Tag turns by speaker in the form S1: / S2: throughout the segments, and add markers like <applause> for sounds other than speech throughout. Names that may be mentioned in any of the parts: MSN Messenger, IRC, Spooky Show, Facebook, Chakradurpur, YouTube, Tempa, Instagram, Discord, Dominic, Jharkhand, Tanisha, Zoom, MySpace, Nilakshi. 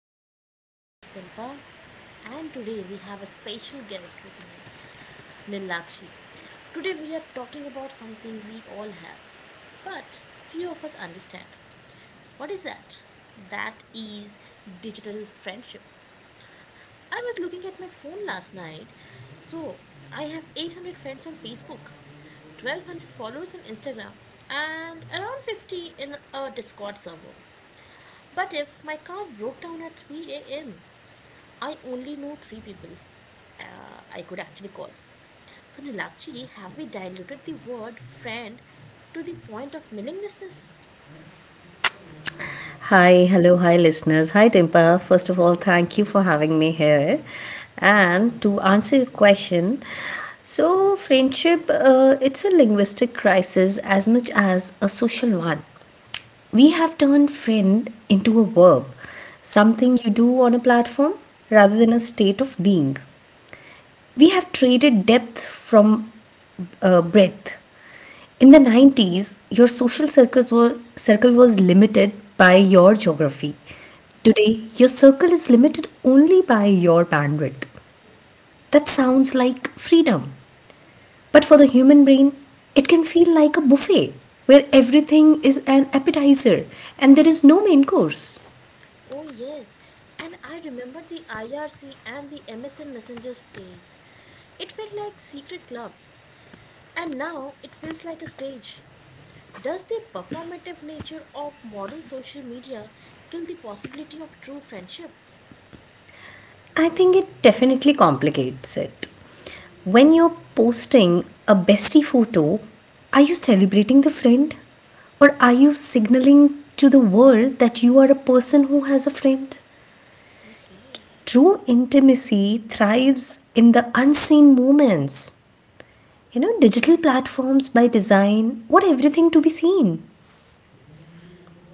S1: I am your host Tempa, and today we have a special guest with me, Nilakshi. Today we are talking about something we all have, but few of us understand. What is that? That is digital friendship. I was looking at my phone last night, so I have 800 friends on Facebook, 1200 followers on Instagram, and around 50 in a Discord server. But if my car broke down at 3 a.m., I only know three people I could actually call. So, Nilakshi, have we diluted the word friend to the point of meaninglessness?
S2: Hi, hello, hi, listeners. Hi, Dimpa. First of all, thank you for having me here. And to answer your question, so friendship, it's a linguistic crisis as much as a social one. We have turned friend into a verb, something you do on a platform rather than a state of being. We have traded depth from breadth. In the 90s, your social circles were, circle was limited by your geography. Today, your circle is limited only by your bandwidth. That sounds like freedom. But for the human brain, it can feel like a buffet where everything is an appetizer and there is no main course.
S1: Oh, yes. And I remember the IRC and the MSN Messenger stage. It felt like secret club, and now it feels like a stage. Does the performative nature of modern social media kill the possibility of true friendship?
S2: I think it definitely complicates it. When you're posting a bestie photo, are you celebrating the friend? Or are you signaling to the world that you are a person who has a friend?
S1: Okay.
S2: True intimacy thrives in the unseen moments. You know, digital platforms by design want everything to be seen.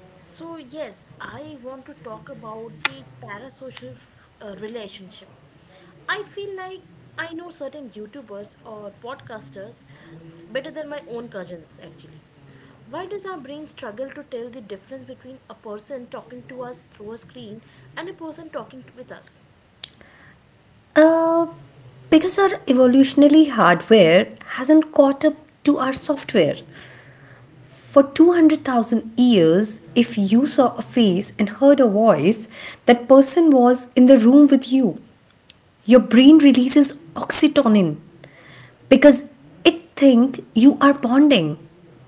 S1: So, yes, I want to talk about the relationship. I feel like I know certain YouTubers or podcasters better than my own cousins, actually. Why does our brain struggle to tell the difference between a person talking to us through a screen and a person with us?
S2: Uh, because our evolutionary hardware hasn't caught up to our software. For 200,000 years, if you saw a face and heard a voice, that person was in the room with you. Your brain releases oxytocin because it thinks you are bonding.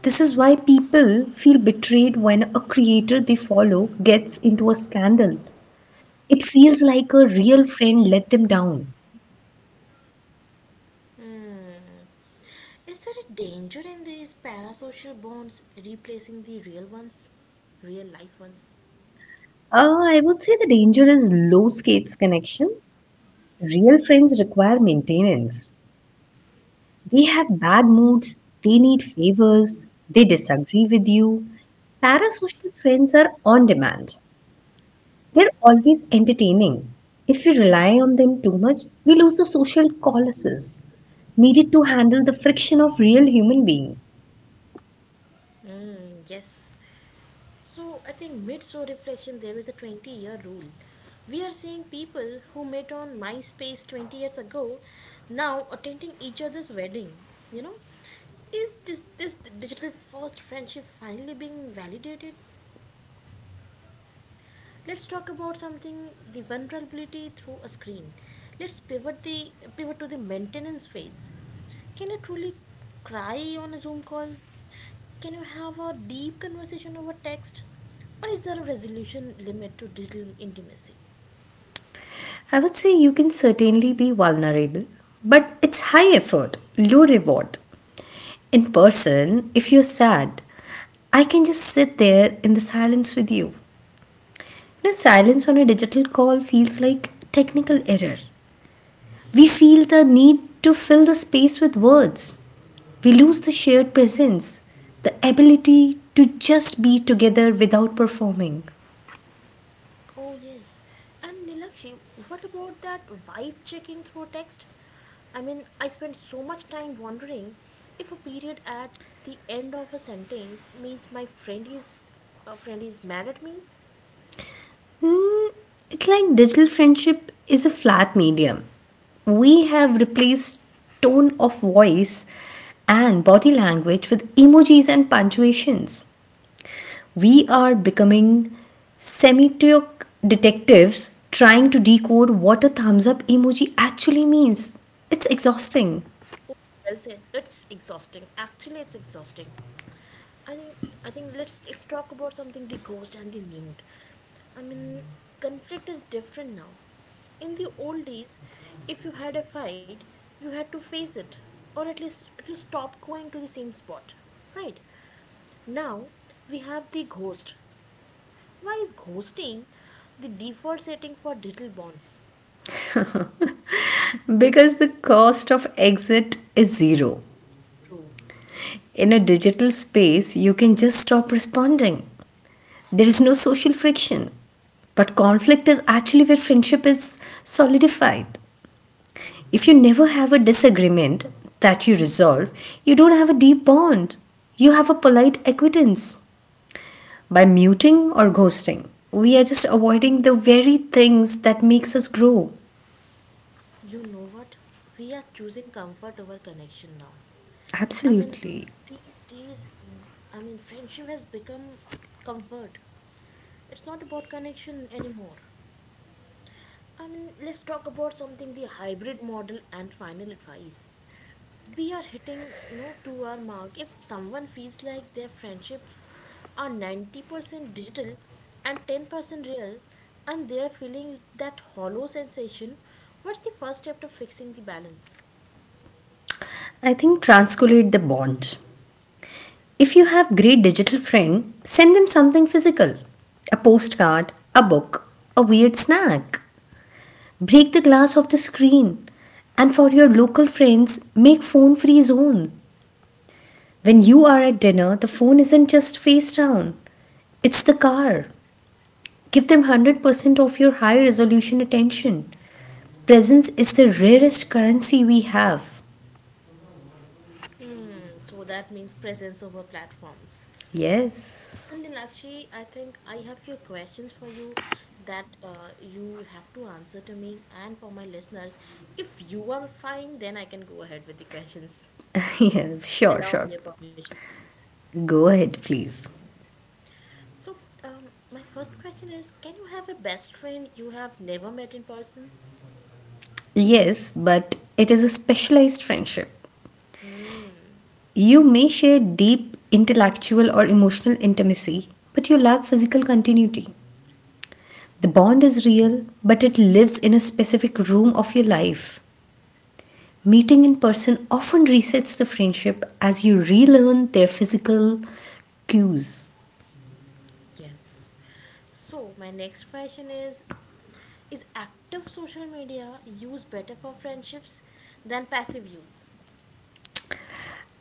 S2: This is why people feel betrayed when a creator they follow gets into a scandal. It feels like a real friend let them down.
S1: Is there a danger in these parasocial bonds replacing the real ones? Real life ones?
S2: I would say the danger is low stakes connection. Real friends require maintenance. They have bad moods, they need favors, they disagree with you. Parasocial friends are on demand. They're always entertaining. If we rely on them too much, we lose the social calluses needed to handle the friction of real human being.
S1: Mm, yes. So I think mid show reflection there is a 20-year rule. We are seeing people who met on MySpace 20 years ago now attending each other's wedding. You know, is this digital first friendship finally being validated? Let's talk about something, the vulnerability through a screen. Let's pivot to the maintenance phase. Can you truly cry on a Zoom call? Can you have a deep conversation over text, or is there a resolution limit to digital intimacy?
S2: I would say you can certainly be vulnerable, but it's high effort, low reward. In person, if you're sad, I can just sit there in the silence with you. You know, silence on a digital call feels like technical error. We feel the need to fill the space with words. We lose the shared presence, the ability to just be together without performing.
S1: Oh, yes. And Nilakshi, what about that vibe checking through text? I mean, I spend so much time wondering if a period at the end of a sentence means my friend is a friend is mad at me.
S2: Hmm, it's like digital friendship is a flat medium. We have replaced tone of voice and body language with emojis and punctuations. We are becoming semiotic detectives trying to decode what a thumbs up emoji actually means. It's exhausting
S1: Oh, well said. It's exhausting. Actually, it's exhausting. I think I think let's talk about something, the ghost and the mute. I mean, conflict is different now. In the old days, if you had a fight, you had to face it, or at least stop going to the same spot, right? Now we have the ghost. Why is ghosting the default setting for digital bonds?
S2: because the cost of exit is zero.
S1: True.
S2: In a digital space, you can just stop responding. There is no social friction. But conflict is actually where friendship is solidified. If you never have a disagreement that you resolve, you don't have a deep bond. You have a polite acquittance. By muting or ghosting, we are just avoiding the very things that makes us grow.
S1: You know what? We are choosing comfort over connection now. I mean,
S2: Absolutely.
S1: these days, I mean, friendship has become comfort. It's not about connection anymore. I mean, let's talk about something, the hybrid model and final advice. We are hitting, you know, to our mark. If someone feels like their friendships are 90% digital and 10% real, and they are feeling that hollow sensation, what's the first step to fixing the balance?
S2: I think transculate the bond. If you have great digital friend, send them something physical. A postcard, a book, a weird snack. Break the glass of the screen. And for your local friends, make phone free zone. When you are at dinner, the phone isn't just face down, it's the car. Give them 100% of your high resolution attention. Presence is the rarest currency we have.
S1: And so that means presence over platforms.
S2: Yes.
S1: And Linakshi, I think I have few questions for you that you have to answer to me and for my listeners. If you are fine, then I can go ahead with the questions.
S2: <laughs> Yeah, sure,
S1: Allow
S2: sure.
S1: me your permission, please.
S2: Go ahead, please.
S1: So, um, my first question is, can you have a best friend you have never met in person?
S2: Yes, but it is a specialized friendship. You may share deep intellectual or emotional intimacy, but you lack physical continuity. The bond is real, but it lives in a specific room of your life. Meeting in person often resets the friendship as you relearn their physical cues.
S1: Yes. So, my next question is active social media used better for friendships than passive use?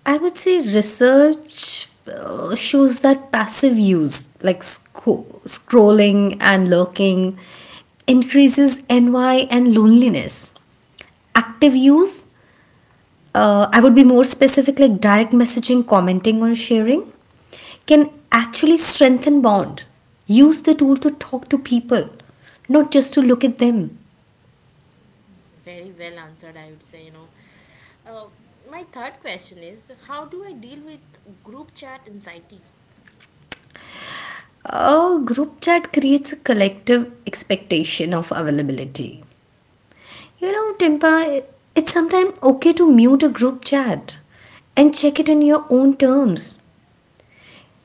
S2: I would say research shows that passive use, like scrolling and lurking, increases NY and loneliness. Active use, I would be more specific, like direct messaging, commenting, or sharing, can actually strengthen bond. Use the tool to talk to people, not just to look at them.
S1: Very well answered, I would say, you know. Uh, my third question is, how do I deal with group chat anxiety?
S2: Group chat creates a collective expectation of availability. You know, Timpa, it's sometimes okay to mute a group chat and check it in your own terms.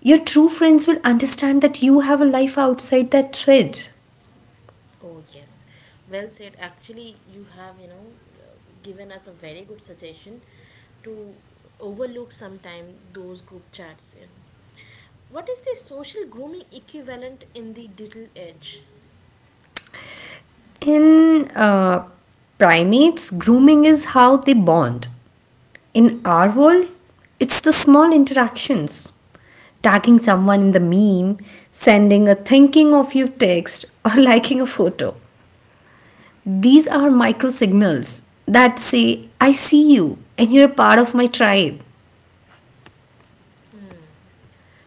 S2: Your true friends will understand that you have a life outside that thread.
S1: Oh, yes. Well said. Actually, you have, you know, given us a very good suggestion to overlook sometime those group chats, you know. What is the social grooming equivalent in the digital age?
S2: In primates, grooming is how they bond. In our world, it's the small interactions. Tagging someone in the meme, sending a thinking of you text, or <laughs> liking a photo. These are micro signals that say, I see you and you're a part of my tribe.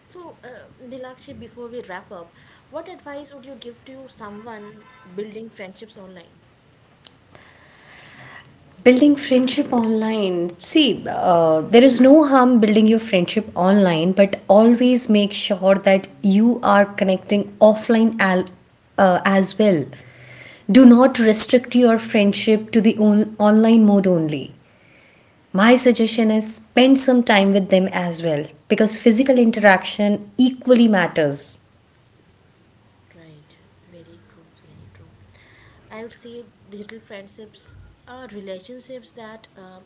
S1: So, Nilakshi, before we wrap up, what advice would you give to someone building friendships online?
S2: Building friendship online. See, there is no harm building your friendship online, but always make sure that you are connecting offline as well. Do not restrict your friendship to the online mode only. My suggestion is spend some time with them as well because physical interaction equally matters.
S1: Right, very true, very true. I would say digital friendships are relationships that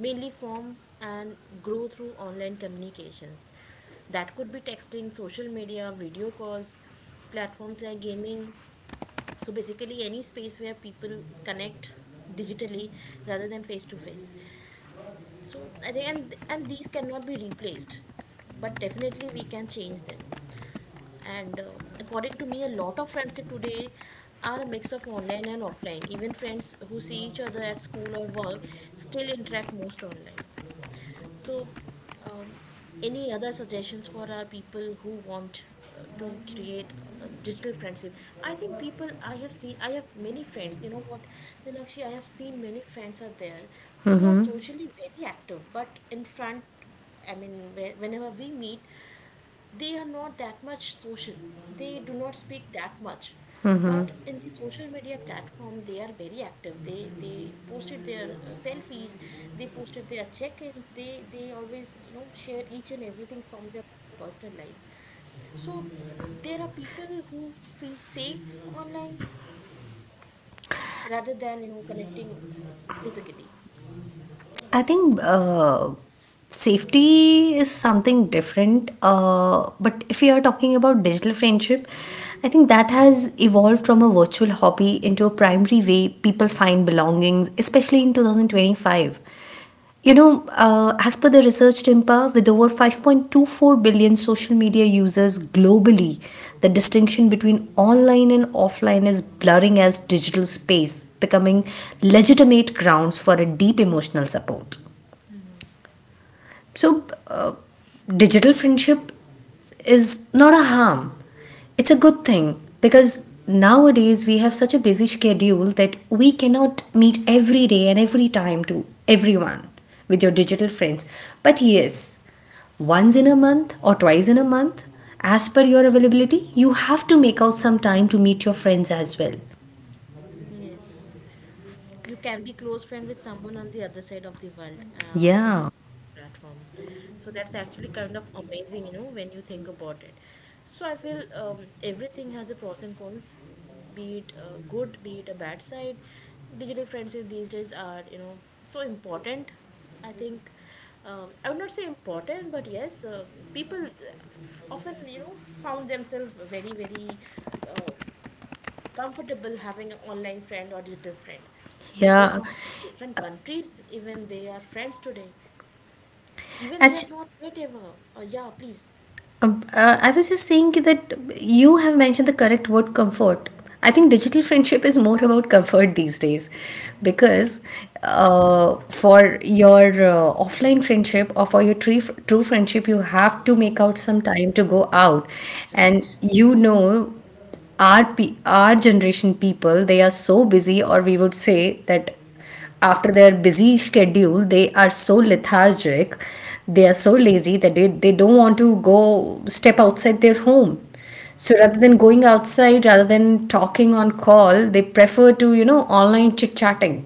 S1: mainly form and grow through online communications. That could be texting, social media, video calls, platforms like gaming. So basically, any space where people connect digitally rather than face to face. So I think and these cannot be replaced, but definitely we can change them. And according to me, a lot of friendship today are a mix of online and offline. Even friends who see each other at school or work still interact most online. So, um, any other suggestions for our people who want to create a digital friendship? I think people I have seen, I have many friends. You know what, Nilakshi, I have seen many friends are there who are socially very active, but in front, I mean, whenever we meet, they are not that much social, they do not speak that much, but in the social media platform they are very active. They posted their selfies, they posted their check-ins, they always, you know, share each and everything from their personal life. So, uh, there are people who feel safe online rather than, you know, connecting, uh, physically.
S2: I think safety is something different. But if we are talking about digital friendship, I think that has evolved from a virtual hobby into a primary way people find belongings, especially in 2025. You know, as per the research TIMPA, with over 5.24 billion social media users globally, the distinction between online and offline is blurring as digital space, becoming legitimate grounds for a deep emotional support. So, digital friendship is not a harm. It's a good thing because nowadays we have such a busy schedule that we cannot meet every day and every time to everyone with your digital friends. But yes, once in a month or twice in a month, as per your availability, you have to make out some time to meet your friends as well.
S1: Yes, you can be close friend with someone on the other side of the world, in the
S2: Yeah,
S1: platform. So that's actually kind of amazing, you know, when you think about it. So I feel, everything has a pros and cons, be it good, be it a bad side. Digital friendship these days are, you know, so important, I think. I would not say important, but yes, people often, you know, found themselves very very uh, comfortable having an online friend or digital friend. People
S2: yeah.
S1: from different countries, even they are friends today. Even they
S2: Actu-
S1: have not met ever. Yeah, please.
S2: I was just saying that you have mentioned the correct word comfort. I think digital friendship is more about comfort these days because for your offline friendship or for your true, true friendship, you have to make out some time to go out. And
S1: Right,
S2: you know, our generation people, they are so busy, or we would say that after their busy schedule, they are so lethargic, they are so lazy that they don't want to go step outside their home. So rather than going outside, rather than talking on call, they prefer to, online chit chatting.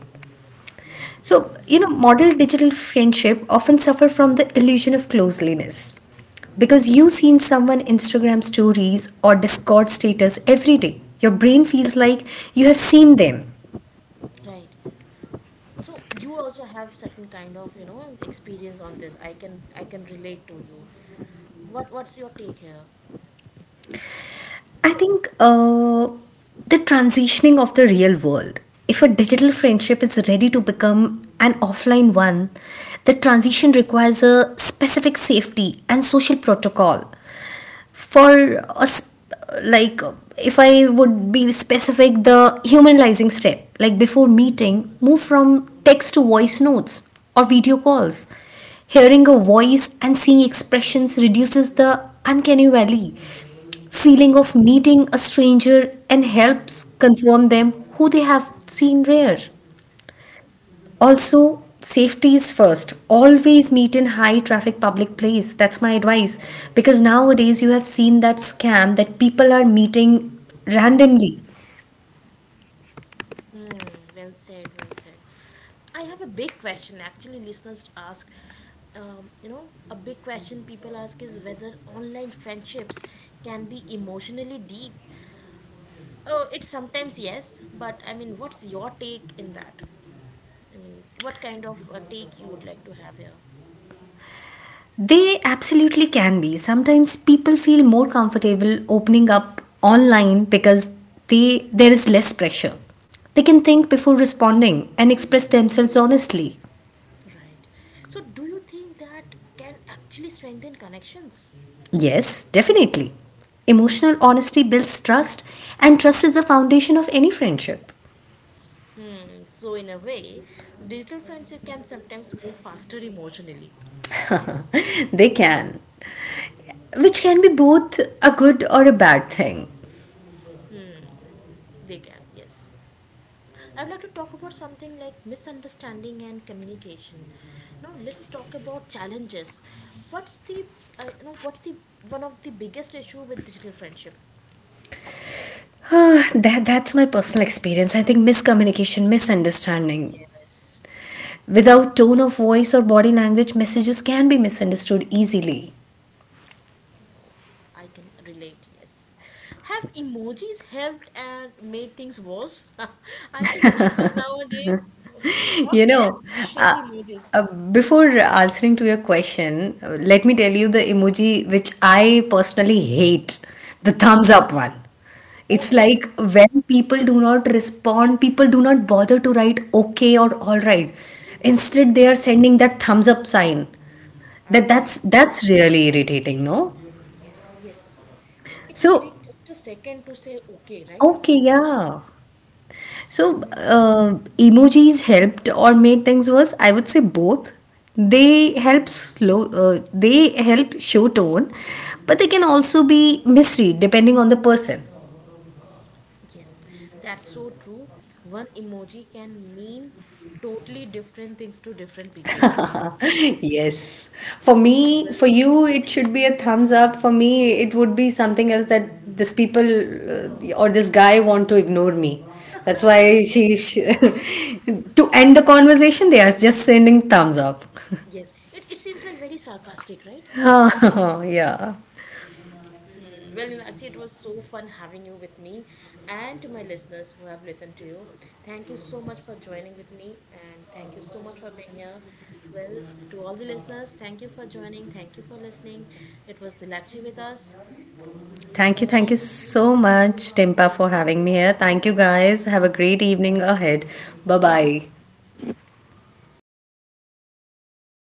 S2: So,
S1: right,
S2: model digital friendship often suffer from the illusion of closeliness because
S1: right,
S2: you've seen someone Instagram stories or Discord status every day. Your brain feels like you have seen them.
S1: right. So you also have certain kind of, you know, experience on this. I can relate to you. What's your take here?
S2: I think the transitioning of the real world. If a digital friendship is ready to become an offline one, the transition requires a specific safety and social protocol. For us, like if I would be specific, the humanizing step, like before meeting, move from text to voice notes or video calls. Hearing a voice and seeing expressions reduces the uncanny valley feeling of meeting a stranger and helps confirm them who they have seen rare. Also, safety is first. Always meet in high traffic public place. That's my advice because nowadays you have seen that scam that people are meeting randomly.
S1: Hmm, well said, well said. I have a big question actually, listeners ask. You know, a big question people ask is whether online friendships can be emotionally deep. Oh, it's sometimes yes, but I mean, what's your take in that? I mean, what kind of take you would like to have here?
S2: They absolutely can be. Sometimes people feel more comfortable opening up online because they there is less pressure. They can think before responding and express themselves honestly.
S1: Right. So, do you think that can actually strengthen connections?
S2: Yes, definitely. Emotional honesty builds trust, and trust is the foundation of any friendship.
S1: Hmm, so in a way, digital friendship can sometimes move faster emotionally.
S2: <laughs> They can, which can be both a good or a bad thing.
S1: They can, yes. I would like to talk about something like misunderstanding and communication. You know, let's talk about challenges. What's the you know, what's the one of the biggest issue with digital friendship?
S2: <sighs> That's my personal experience. I think miscommunication, misunderstanding.
S1: Yes.
S2: Without tone of voice or body language, messages can be misunderstood easily.
S1: No, I can relate. Yes, have emojis helped and made things worse? <laughs> I think people nowadays talk
S2: You
S1: less
S2: know,
S1: but share
S2: uh,
S1: emojis.
S2: before answering to your question, let me tell you the emoji which I personally hate, the thumbs up one.
S1: Oh,
S2: It's
S1: yes.
S2: like when people do not respond, people do not bother to write okay or all right. Instead, they are sending that thumbs up sign.
S1: I
S2: That
S1: hate
S2: that's
S1: that.
S2: that's really irritating, no?
S1: Yes, yes. It will
S2: So,
S1: take just a second to say okay, right?
S2: okay, yeah. So, emojis helped or made things worse? I would say both. They help slow. They help show tone, but they can also be misread depending on the person.
S1: Yes, that's so true. One emoji can mean totally different things to different people, actually.
S2: <laughs> Yes. For me, for
S1: Well,
S2: you, it
S1: yes.
S2: should be a thumbs up. For me, it would be something else that this people or this guy want to ignore me. That's why
S1: <laughs> Yes,
S2: she <laughs>
S1: yes, yes.
S2: to end the conversation, they are just sending thumbs up.
S1: Yes, it seems like very sarcastic, right?
S2: <laughs> Yeah.
S1: Hmm. Well, you know, actually, it was so fun having you with me and to my listeners who have listened to you. Thank you so much for joining with me and thank you so much for being here. Well, to all the listeners, thank you for joining. Thank you for listening. It was Nilakshi with us.
S2: Thank you.
S1: Bye
S2: Thank
S1: bye.
S2: you so much, Timpa, for having me here. Thank you, guys. Have a great evening ahead. Bye bye.